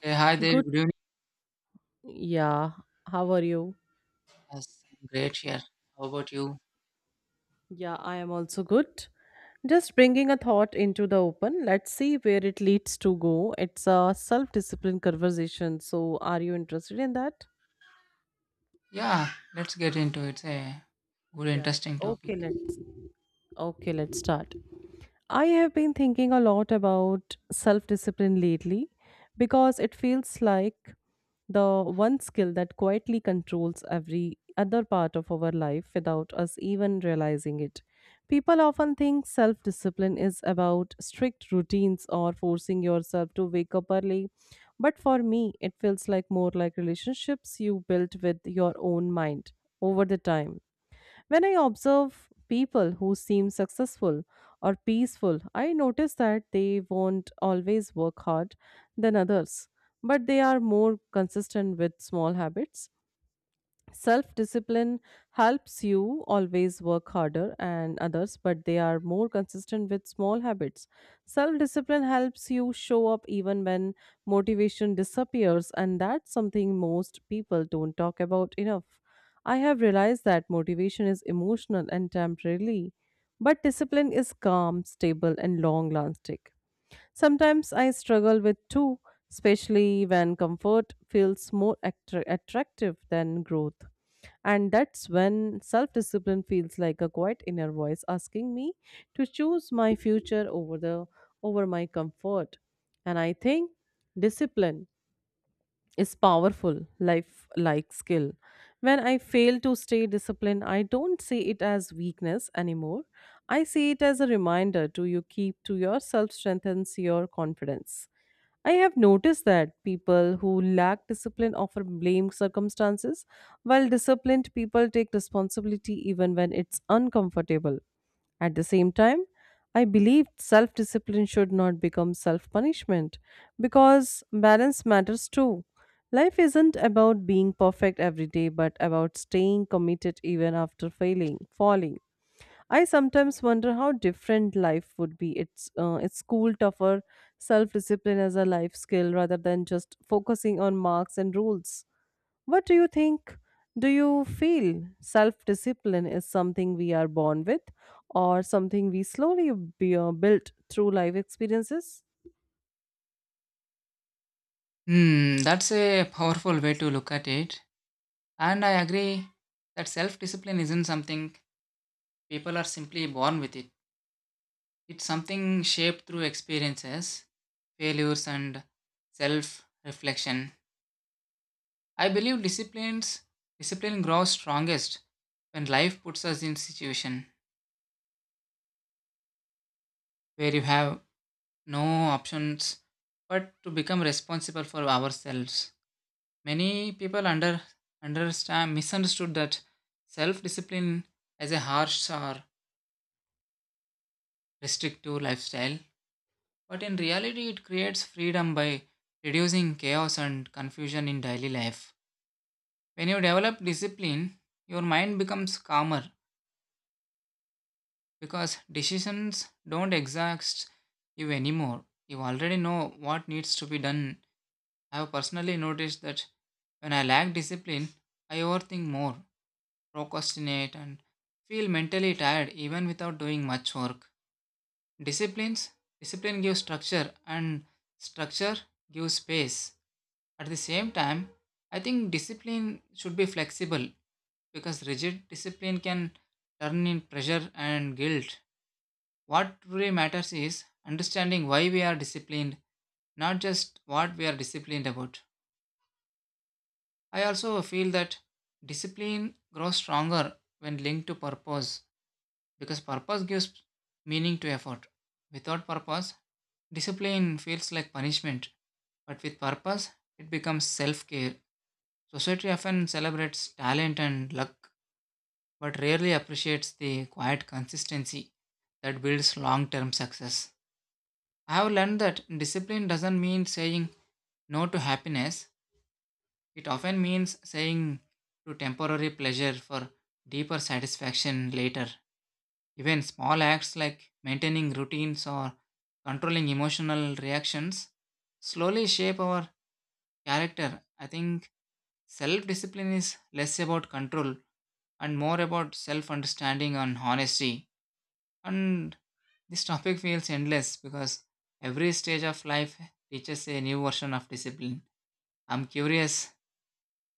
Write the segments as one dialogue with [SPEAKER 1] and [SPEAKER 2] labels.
[SPEAKER 1] Hey, hi there,
[SPEAKER 2] Good.
[SPEAKER 1] good evening.
[SPEAKER 2] Yeah. How are you?
[SPEAKER 1] Yes, I'm great here. How about you?
[SPEAKER 2] Yeah, I am also good. Just bringing a thought into the open. Let's see where it leads to go. It's a self discipline conversation. So, are you interested in that?
[SPEAKER 1] Yeah, let's get into it. It's a good,
[SPEAKER 2] Yeah.
[SPEAKER 1] interesting
[SPEAKER 2] Okay,
[SPEAKER 1] topic.
[SPEAKER 2] let's okay, let's start. I have been thinking a lot about self discipline lately because it feels like the one skill that quietly controls every other part of our life without us even realizing it. People often think self discipline is about strict routines or forcing yourself to wake up early. But for me, it feels like more like relationships you built with your own mind over the time. When I observe people who seem successful or peaceful, I notice that they won't always work hard than others, but they are more consistent with small habits. Self discipline helps you always work harder and others, but they are more consistent with small habits. Self discipline helps you show up even when motivation disappears, and that's something most people don't talk about enough. I have realized that motivation is emotional and temporary, but discipline is calm, stable, and long lasting. Sometimes I struggle with two, especially when comfort feels more attractive than growth. And that's when self discipline feels like a quiet inner voice asking me to choose my future over my comfort. And I think discipline is powerful, life like skill. When I fail to stay disciplined, I don't see it as weakness anymore. I see it as a reminder to you keep to yourself strengthens your confidence. I have noticed that people who lack discipline often blame circumstances, while disciplined people take responsibility even when it's uncomfortable. At the same time, I believed self discipline should not become self punishment because balance matters too. Life isn't about being perfect every day, but about staying committed even after failing, falling. I sometimes wonder how different life would be. It's school tougher self discipline as a life skill rather than just focusing on marks and rules. What do you think? Do you feel self discipline is something we are born with or something we slowly built through life experiences?
[SPEAKER 1] Hmm, that's a powerful way to look at it. And I agree that self discipline isn't something people are simply born with it. It's something shaped through experiences, failures, and self reflection. I believe discipline grows strongest when life puts us in situation where you have no options but to become responsible for ourselves. Many people understand misunderstood that self-discipline as a harsh or restrictive lifestyle, but in reality it creates freedom by reducing chaos and confusion in daily life. When you develop discipline, your mind becomes calmer because decisions don't exhaust you anymore. You already know what needs to be done. I have personally noticed that when I lack discipline, I overthink more, procrastinate, and feel mentally tired even without doing much work. Disciplines discipline gives structure and structure gives space. At the same time, I think discipline should be flexible because rigid discipline can turn in pressure and guilt. What truly matters is understanding why we are disciplined, not just what we are disciplined about. I also feel that discipline grows stronger when linked to purpose because purpose gives meaning to effort. Without purpose, discipline feels like punishment, but with purpose, it becomes self care. Society often celebrates talent and luck, but rarely appreciates the quiet consistency that builds long term success. I have learned that discipline doesn't mean saying no to happiness, it often means saying to temporary pleasure for deeper satisfaction later. Even small acts like maintaining routines or controlling emotional reactions slowly shape our character. I think self discipline is less about control and more about self understanding and honesty. And this topic feels endless because every stage of life teaches a new version of discipline. I'm curious,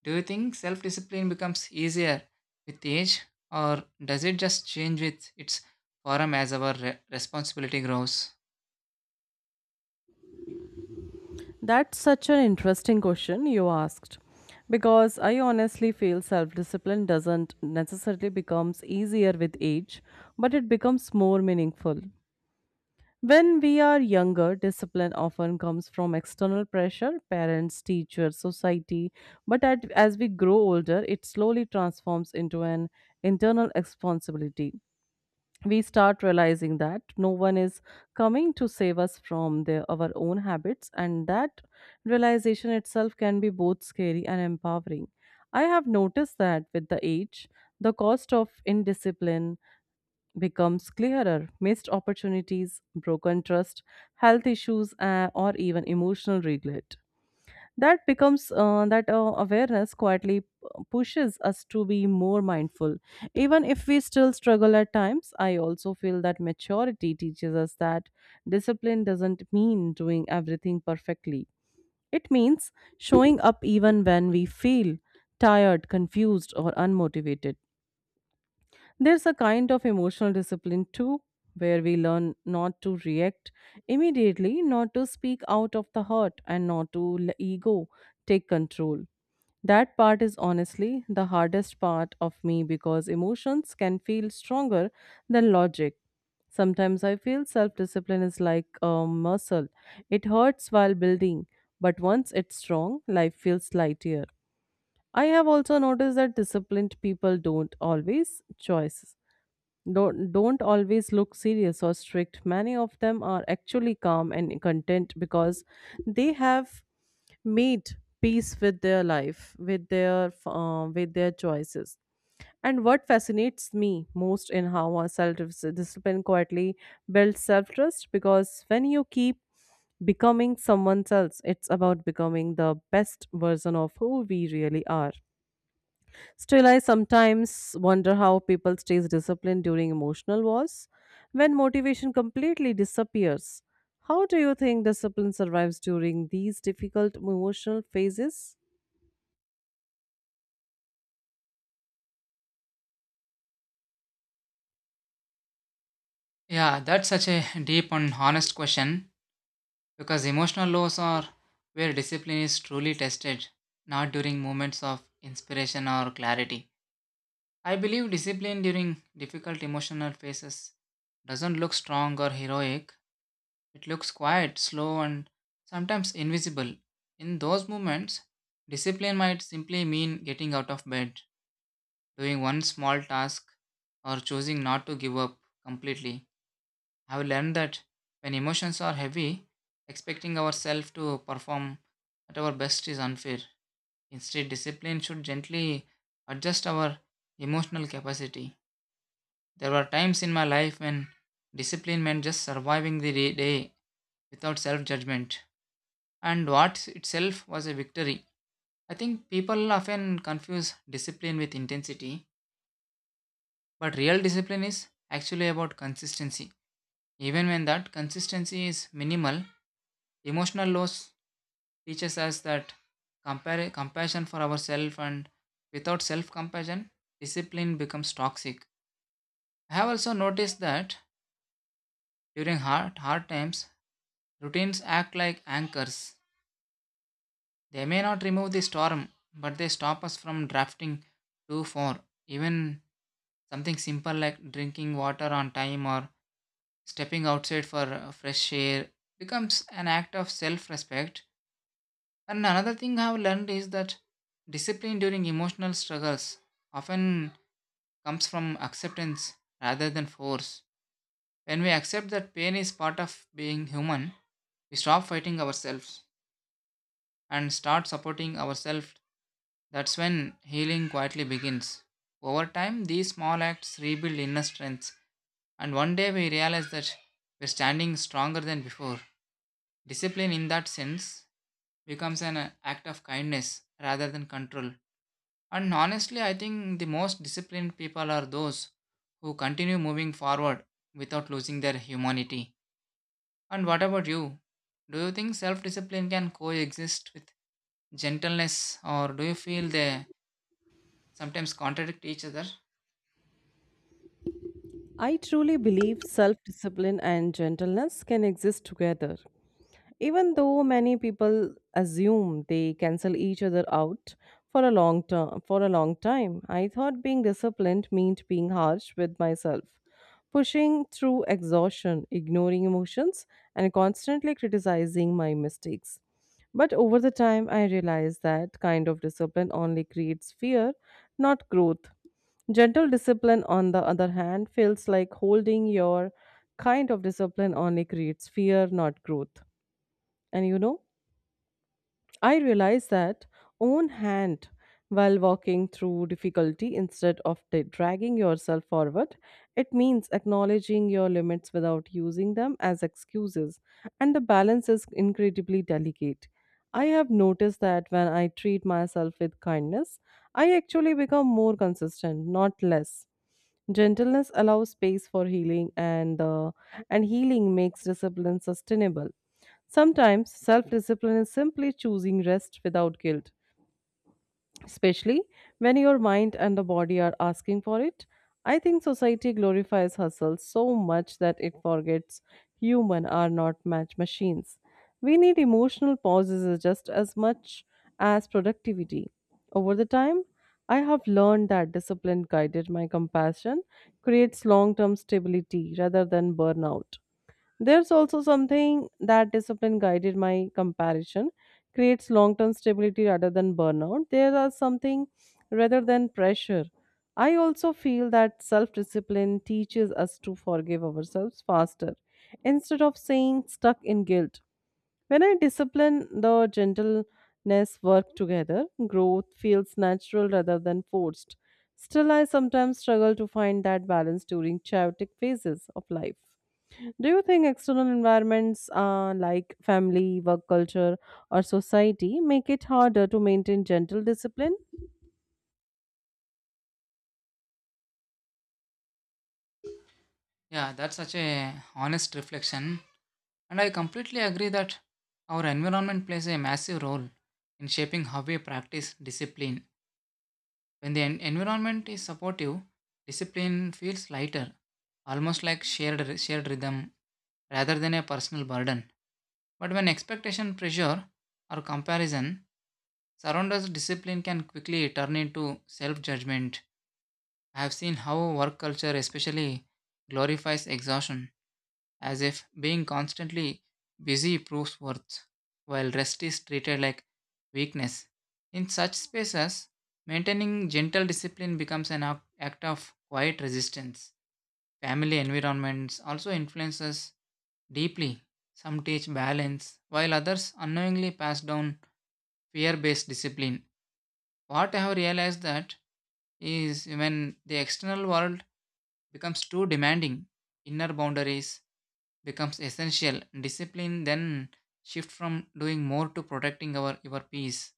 [SPEAKER 1] do you think self discipline becomes easier with age, or does it just change with its form as our responsibility grows?
[SPEAKER 2] That's such an interesting question you asked because I honestly feel self discipline doesn't necessarily becomes easier with age but it becomes more meaningful. When we are younger, discipline often comes from external pressure, parents, teachers, society. As we grow older, it slowly transforms into an internal responsibility. We start realizing that no one is coming to save us from our own habits, and that realization itself can be both scary and empowering. I have noticed that with the age, the cost of indiscipline becomes clearer. Missed opportunities, broken trust, health issues, or even emotional regret. That awareness quietly pushes us to be more mindful. Even if we still struggle at times, I also feel that maturity teaches us that discipline doesn't mean doing everything perfectly. It means showing up even when we feel tired, confused, or unmotivated. There's a kind of emotional discipline too, where we learn not to react immediately, not to speak out of the hurt, and not to let ego take control. That part is honestly the hardest part of me because emotions can feel stronger than logic. Sometimes I feel self discipline is like a muscle, it hurts while building, but once it's strong, life feels lighter. I have also noticed that disciplined people don't always look serious or strict. Many of them are actually calm and content because they have made peace with their life with their choices, and what fascinates me most in how our self discipline quietly builds self trust because when you keep becoming someone else it's about becoming the best version of who we really are. Still, I sometimes wonder how people stays disciplined during emotional wars when motivation completely disappears. How do you think discipline survives during these difficult emotional phases?
[SPEAKER 1] Yeah, that's such a deep and honest question because emotional lows are where discipline is truly tested, not during moments of inspiration or clarity. I believe discipline during difficult emotional phases doesn't look strong or heroic, it looks quiet, slow, and sometimes invisible. In those moments, discipline might simply mean getting out of bed, doing one small task, or choosing not to give up completely. I have learned that when emotions are heavy, expecting ourselves to perform at our best is unfair. Instead, discipline should gently adjust our emotional capacity. There were times in my life when discipline meant just surviving the day without self judgment, and what itself was a victory. I think people often confuse discipline with intensity, but real discipline is actually about consistency. Even when that consistency is minimal, emotional loss teaches us that compassion for ourselves, and without self compassion, discipline becomes toxic. I have also noticed that during hard times, routines act like anchors. They may not remove the storm, but they stop us from drafting too far. Even something simple like drinking water on time or stepping outside for fresh air becomes an act of self respect. And another thing I've learned is that discipline during emotional struggles often comes from acceptance rather than force. When we accept that pain is part of being human, we stop fighting ourselves and start supporting ourselves. That's when healing quietly begins. Over time, these small acts rebuild inner strength, and one day we realize that we're standing stronger than before. Discipline, in that sense, becomes an act of kindness rather than control. And honestly, I think the most disciplined people are those who continue moving forward without losing their humanity. And what about you? Do you think self discipline can coexist with gentleness, or do you feel they sometimes contradict each other?
[SPEAKER 2] I truly believe self discipline and gentleness can exist together. Even though many people assume they cancel each other out, for a long time, I thought being disciplined meant being harsh with myself, pushing through exhaustion, ignoring emotions, and constantly criticizing my mistakes. But over the time I realized that kind of discipline only creates fear, not growth. Gentle discipline, on the other hand, feels like holding your kind of discipline only creates fear, not growth. And you know, I realized that own hand while walking through difficulty instead of dragging yourself forward. It means acknowledging your limits without using them as excuses. And the balance is incredibly delicate. I have noticed that when I treat myself with kindness, I actually become more consistent, not less. Gentleness allows space for healing and healing makes discipline sustainable. Sometimes self discipline is simply choosing rest without guilt, especially when your mind and the body are asking for it. I think society glorifies hustle so much that it forgets human are not match machines. We need emotional pauses just as much as productivity. Over the time, I have learned that discipline guided my compassion creates long term stability rather than burnout. There's also something that discipline guided my comparison creates long term stability rather than burnout. There are something rather than pressure. I also feel that self discipline teaches us to forgive ourselves faster instead of saying stuck in guilt. When I discipline, the gentleness work together, growth feels natural rather than forced. Still, I sometimes struggle to find that balance during chaotic phases of life. Do you think external environments like family, work culture, or society make it harder to maintain gentle discipline?
[SPEAKER 1] Yeah, that's such a honest reflection. And I completely agree that our environment plays a massive role in shaping how we practice discipline. When the environment is supportive, discipline feels lighter, almost like shared rhythm rather than a personal burden. But when expectation, pressure, or comparison surrounders discipline, can quickly turn into self judgment. I have seen how work culture, especially, glorifies exhaustion, as if being constantly busy proves worth, while rest is treated like weakness. In such spaces, maintaining gentle discipline becomes an act of quiet resistance. Family environments also influence us deeply. Some teach balance, while others unknowingly pass down fear based discipline. What I have realized that is when the external world becomes too demanding, inner boundaries becomes essential. Discipline then shift from doing more to protecting our your peace.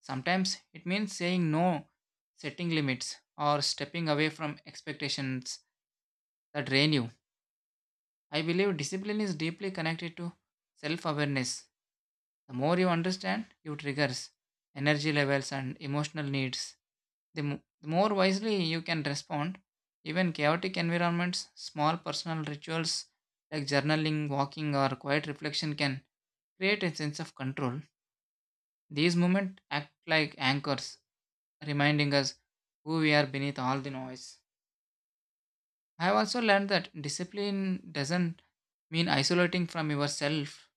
[SPEAKER 1] Sometimes it means saying no, setting limits, or stepping away from expectations that drain you. I believe discipline is deeply connected to self awareness. The more you understand your triggers, energy levels, and emotional needs, the more wisely you can respond. Even chaotic environments, small personal rituals like journaling, walking, or quiet reflection can create a sense of control. These moments act like anchors, reminding us who we are beneath all the noise. I have also learned that discipline doesn't mean isolating from yourself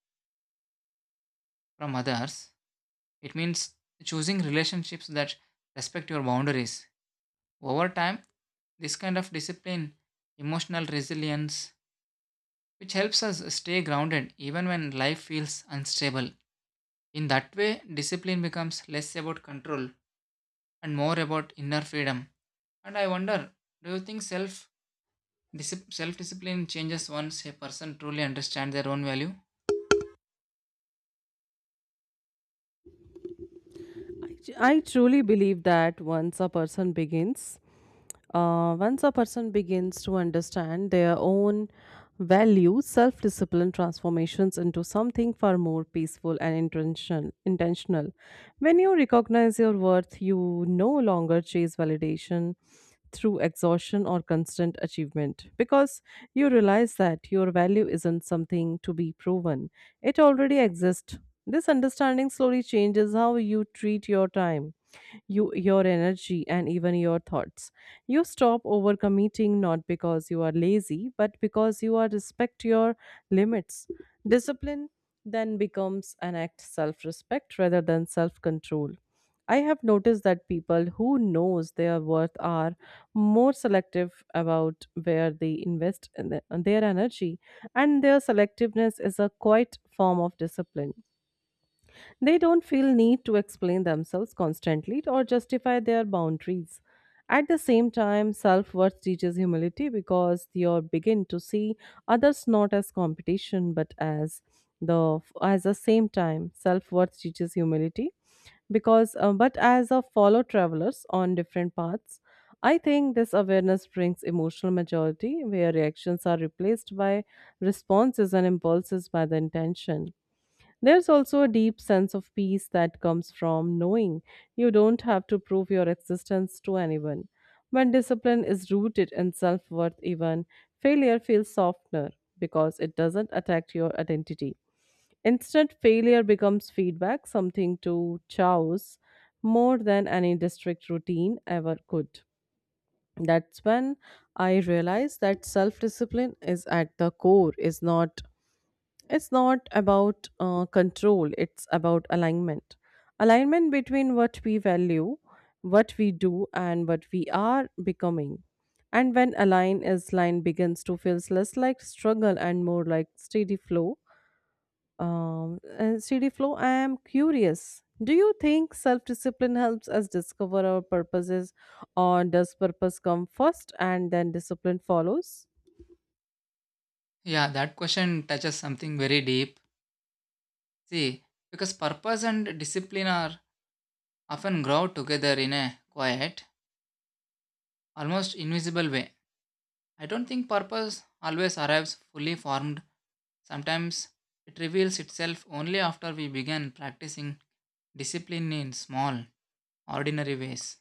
[SPEAKER 1] from others. It means choosing relationships that respect your boundaries. Over time, this kind of discipline, emotional resilience, which helps us stay grounded even when life feels unstable. In that way, discipline becomes less about control and more about inner freedom. And I wonder, do you think self discipline changes once a person truly understands their own value?
[SPEAKER 2] I truly believe that once a person begins, once a person begins to understand their own values, self-discipline transformations into something far more peaceful and intentional. Intentional. When you recognize your worth, you no longer chase validation through exhaustion or constant achievement because you realize that your value isn't something to be proven, it already exists. This understanding slowly changes how you treat your time, your energy, and even your thoughts. You stop overcommitting not because you are lazy, but because you are respect your limits. Discipline then becomes an act self-respect rather than self-control. I have noticed that people who knows their worth are more selective about where they invest in their energy, and their selectiveness is a quiet form of discipline. They don't feel need to explain themselves constantly or justify their boundaries. At the same time, self-worth teaches humility because you begin to see others not as competition but as the same time self-worth teaches humility because but as a follow travelers on different paths. I think this awareness brings emotional maturity where reactions are replaced by responses and impulses by the intention. There's also a deep sense of peace that comes from knowing you don't have to prove your existence to anyone. When discipline is rooted in self worth, even failure feels softer because it doesn't attack your identity. Instead, failure becomes feedback, something to choose more than any district routine ever could. That's when I realized that self discipline is at the core, is not it's not about control, it's about alignment. Alignment between what we value, what we do, and what we are becoming. And when align is line begins to feel less like struggle and more like steady flow, and CD flow, I am curious. Do you think self discipline helps us discover our purposes, or does purpose come first and then discipline follows?
[SPEAKER 1] Yeah, that question touches something very deep. See, because purpose and discipline are often grow together in a quiet, almost invisible way. I don't think purpose always arrives fully formed. Sometimes it reveals itself only after we begin practicing discipline in small, ordinary ways.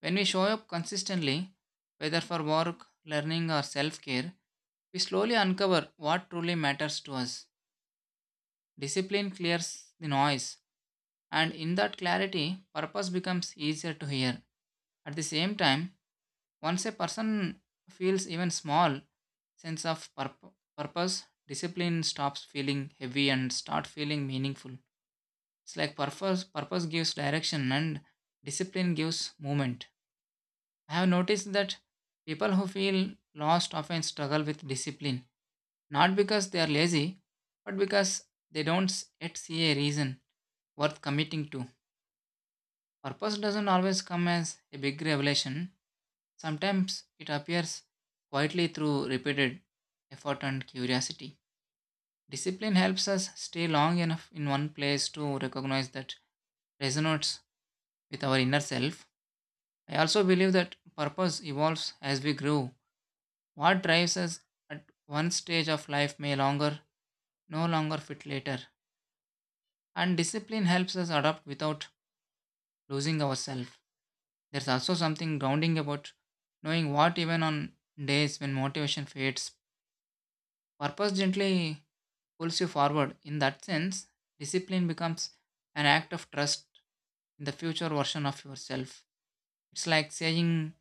[SPEAKER 1] When we show up consistently, whether for work, learning, or self care, we slowly uncover what truly matters to us. Discipline clears the noise, and in that clarity, purpose becomes easier to hear. At the same time, once a person feels even small sense of purpose, discipline stops feeling heavy and start feeling meaningful. It's like purpose gives direction and discipline gives movement. I have noticed that people who feel lost often struggle with discipline, not because they are lazy, but because they don't s- yet see a reason worth committing to. Purpose doesn't always come as a big revelation. Sometimes it appears quietly through repeated effort and curiosity. Discipline helps us stay long enough in one place to recognize that resonates with our inner self. I also believe that purpose evolves as we grow. What drives us at one stage of life may longer no longer fit later. And discipline helps us adapt without losing ourselves. There's also something grounding about knowing what, even on days when motivation fades, purpose gently pulls you forward. In that sense, discipline becomes an act of trust in the future version of yourself. It's like saying,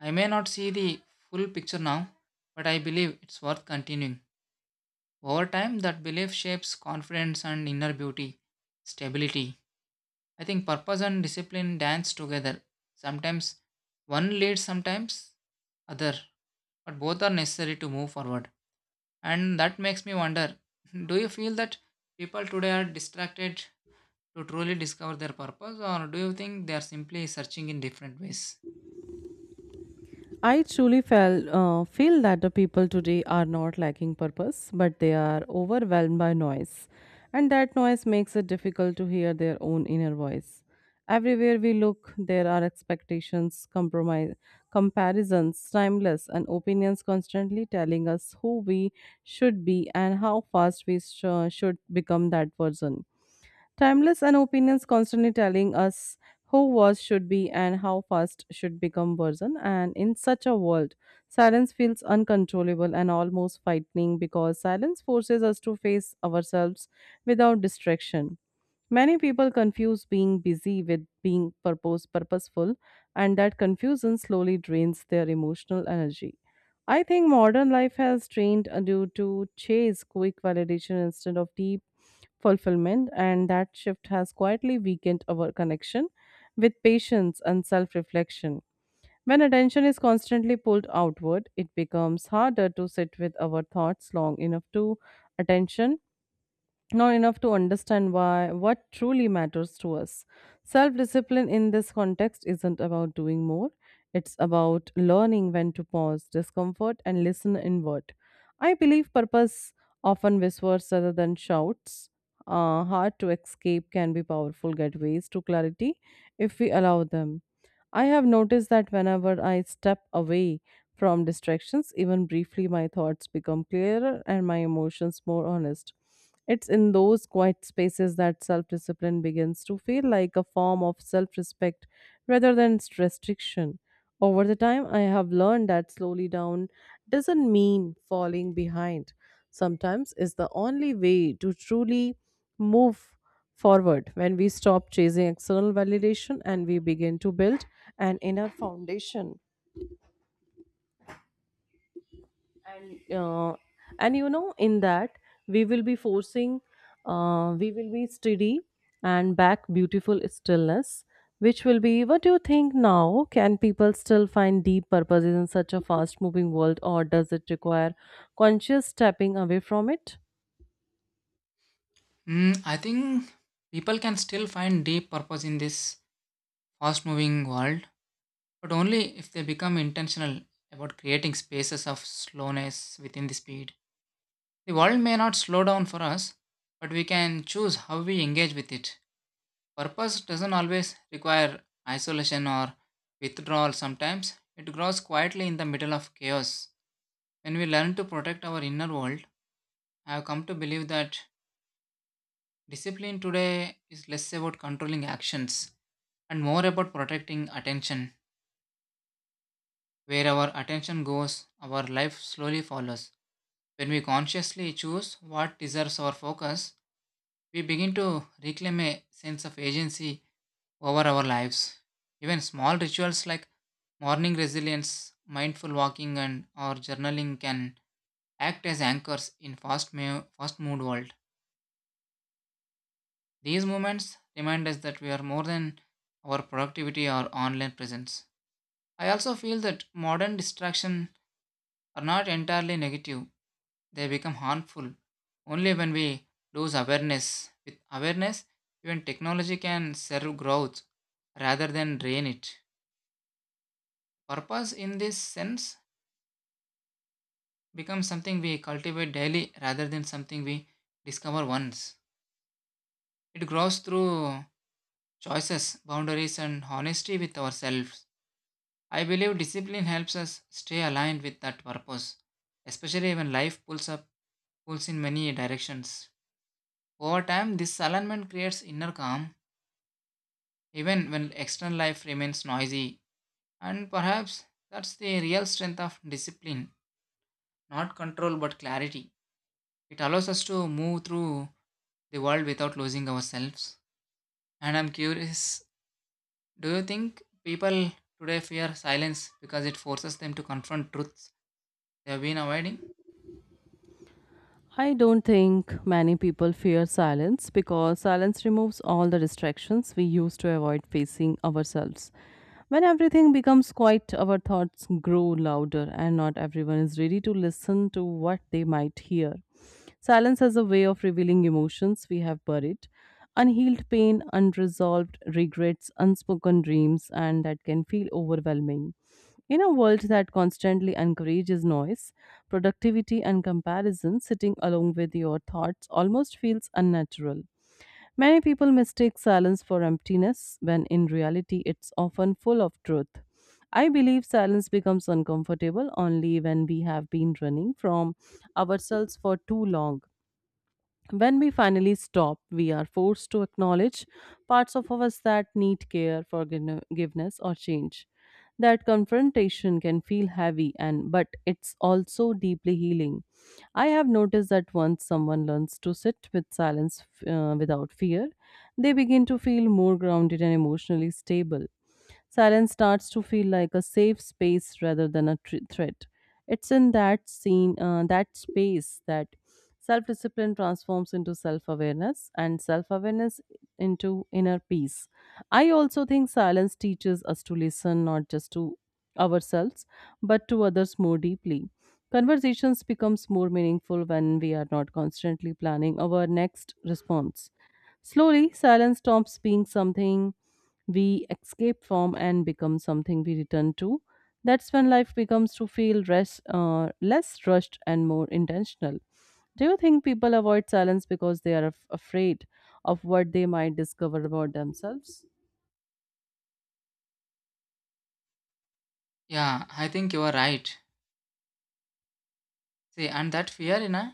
[SPEAKER 1] I may not see the full picture now, but I believe it's worth continuing. Over time, that belief shapes confidence and inner beauty, stability. I think purpose and discipline dance together. Sometimes one leads, sometimes other, but both are necessary to move forward. And that makes me wonder do you feel that people today are distracted to truly discover their purpose, or do you think they are simply searching in different ways?
[SPEAKER 2] I truly feel that the people today are not lacking purpose, but they are overwhelmed by noise. And that noise makes it difficult to hear their own inner voice. Everywhere we look, there are expectations, compromise, comparisons, timeless, and opinions constantly telling us who we should be and how fast we should become that person. Timeless and opinions constantly telling us who was should be and how fast should become version. And in such a world, silence feels uncontrollable and almost frightening because silence forces us to face ourselves without distraction. Many people confuse being busy with being purposeful, and that confusion slowly drains their emotional energy. I think modern life has trained you to chase quick validation instead of deep fulfillment, and that shift has quietly weakened our connection with patience and self reflection. When attention is constantly pulled outward, it becomes harder to sit with our thoughts long enough to attention not enough to understand why what truly matters to us. Self discipline in this context isn't about doing more, it's about learning when to pause discomfort and listen inward. I believe purpose often whispers rather than shouts. Hard to escape can be powerful gateways to clarity if we allow them. I have noticed that whenever I step away from distractions, even briefly, my thoughts become clearer and my emotions more honest. It's in those quiet spaces that self discipline begins to feel like a form of self respect rather than restriction. Over the time, I have learned that slowly down doesn't mean falling behind. Sometimes it's the only way to truly move forward when we stop chasing external validation and we begin to build an inner foundation, and uh, and you know in that we will be forcing, we will be steady and back beautiful stillness which will be. What do you think now, can people still find deep purposes in such a fast moving world, or does it require conscious stepping away from it?
[SPEAKER 1] Mm, I think people can still find deep purpose in this fast moving world, but only if they become intentional about creating spaces of slowness within the speed. The world may not slow down for us, but we can choose how we engage with it. Purpose doesn't always require isolation or withdrawal, sometimes it grows quietly in the middle of chaos. When we learn to protect our inner world, I have come to believe that discipline today is less about controlling actions and more about protecting attention. Where our attention goes, our life slowly follows. When we consciously choose what deserves our focus, we begin to reclaim a sense of agency over our lives. Even small rituals like morning resilience, mindful walking, and or journaling can act as anchors in fast mood world. These moments remind us that we are more than our productivity or online presence. I also feel that modern distraction are not entirely negative, they become harmful only when we lose awareness. With awareness, even technology can serve growth rather than drain it. Purpose in this sense becomes something we cultivate daily rather than something we discover once. It grows through choices, boundaries, and honesty with ourselves. I believe discipline helps us stay aligned with that purpose, especially when life pulls in many directions. Over time, this alignment creates inner calm, even when external life remains noisy. And perhaps that's the real strength of discipline, not control but clarity. It allows us to move through the world without losing ourselves. And I'm curious, do you think people today fear silence because it forces them to confront truths they have been avoiding?
[SPEAKER 2] I don't think many people fear silence because silence removes all the distractions we use to avoid facing ourselves. When everything becomes quiet, our thoughts grow louder, and not everyone is ready to listen to what they might hear. Silence has a way of revealing emotions we have buried, unhealed pain, unresolved regrets, unspoken dreams, and that can feel overwhelming. In a world that constantly encourages noise, productivity, and comparison, sitting along with your thoughts almost feels unnatural. Many people mistake silence for emptiness when in reality it's often full of truth. I believe silence becomes uncomfortable only when we have been running from ourselves for too long. When we finally stop, we are forced to acknowledge parts of us that need care, forgiveness, or change. That confrontation can feel heavy and but it's also deeply healing. I have noticed that once someone learns to sit with silence without fear, they begin to feel more grounded and emotionally stable. Silence starts to feel like a safe space rather than a threat. It's in that space, that self discipline transforms into self awareness and self awareness into inner peace. I also think silence teaches us to listen not just to ourselves but to others more deeply. Conversations becomes more meaningful when we are not constantly planning our next response. Slowly, silence stops being something we escape from and become something we return to. That's when life becomes to feel less rushed and more intentional. Do you think people avoid silence because they are afraid of what they might discover about themselves?
[SPEAKER 1] Yeah, I think you are right. See, and that fear,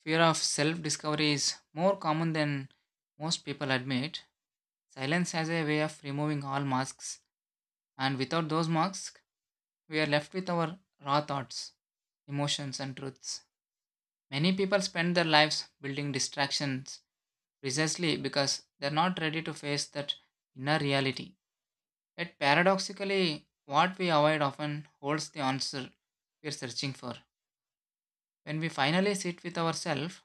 [SPEAKER 1] fear of self discovery is more common than most people admit. Silence has a way of removing all masks, and without those masks, we are left with our raw thoughts, emotions, and truths. Many people spend their lives building distractions precisely because they're not ready to face that inner reality. Yet, paradoxically, what we avoid often holds the answer we're searching for. When we finally sit with ourselves,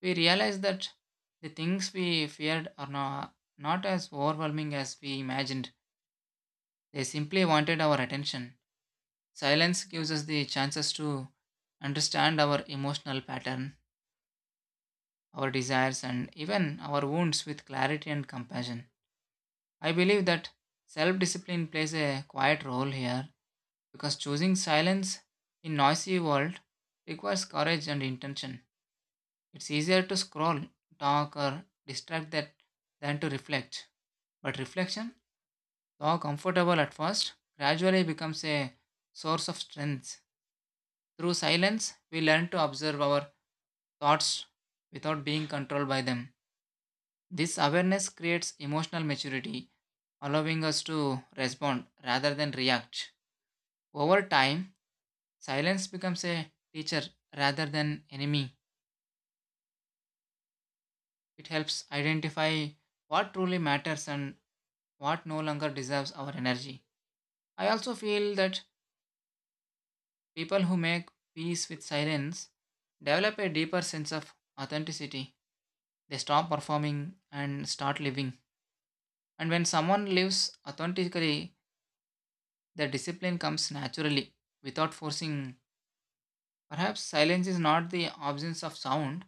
[SPEAKER 1] we realize that the things we feared are not as overwhelming as we imagined. They simply wanted our attention. Silence gives us the chances to understand our emotional pattern, our desires, and even our wounds with clarity and compassion. I believe that self discipline plays a quiet role here because choosing silence in noisy world requires courage and intention. It's easier to scroll, talk, or distract that than to reflect. But reflection, though comfortable at first, gradually becomes a source of strength. Through silence, we learn to observe our thoughts without being controlled by them. This awareness creates emotional maturity, allowing us to respond rather than react. Over time, silence becomes a teacher rather than enemy. It helps identify what truly matters and what no longer deserves our energy. I also feel that people who make peace with silence develop a deeper sense of authenticity. They stop performing and start living. And when someone lives authentically, the discipline comes naturally without forcing. Perhaps silence is not the absence of sound,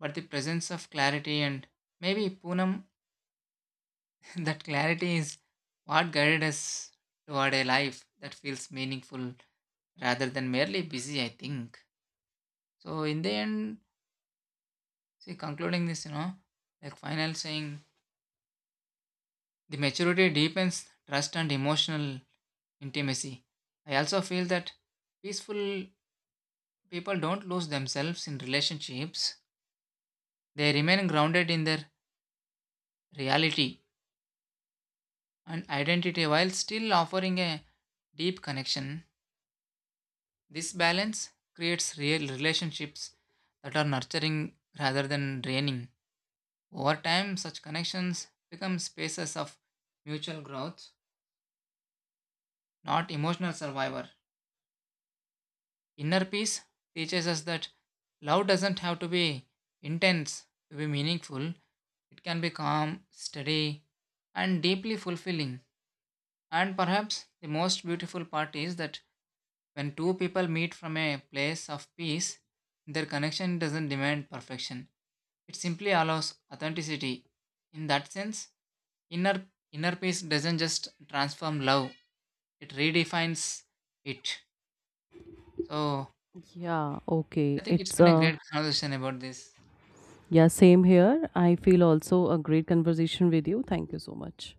[SPEAKER 1] but the presence of clarity. And maybe, Poonam, that clarity is what guided us toward a life that feels meaningful rather than merely busy, I think. So in the end, see concluding this, like final saying, the maturity deepens trust and emotional intimacy. I also feel that peaceful people don't lose themselves in relationships. They remain grounded in their reality and identity while still offering a deep connection. This balance creates real relationships that are nurturing rather than draining. Over time, such connections become spaces of mutual growth, not emotional survivor. Inner peace teaches us that love doesn't have to be intense to be meaningful. It can be calm, steady, and deeply fulfilling. And perhaps the most beautiful part is that when two people meet from a place of peace, their connection doesn't demand perfection. It simply allows authenticity. In that sense, inner inner peace doesn't just transform love, it redefines it. So
[SPEAKER 2] Yeah, okay.
[SPEAKER 1] I think it's
[SPEAKER 2] It's
[SPEAKER 1] been a great conversation about this.
[SPEAKER 2] Yeah, same here. I feel also a great conversation with you. Thank you so much.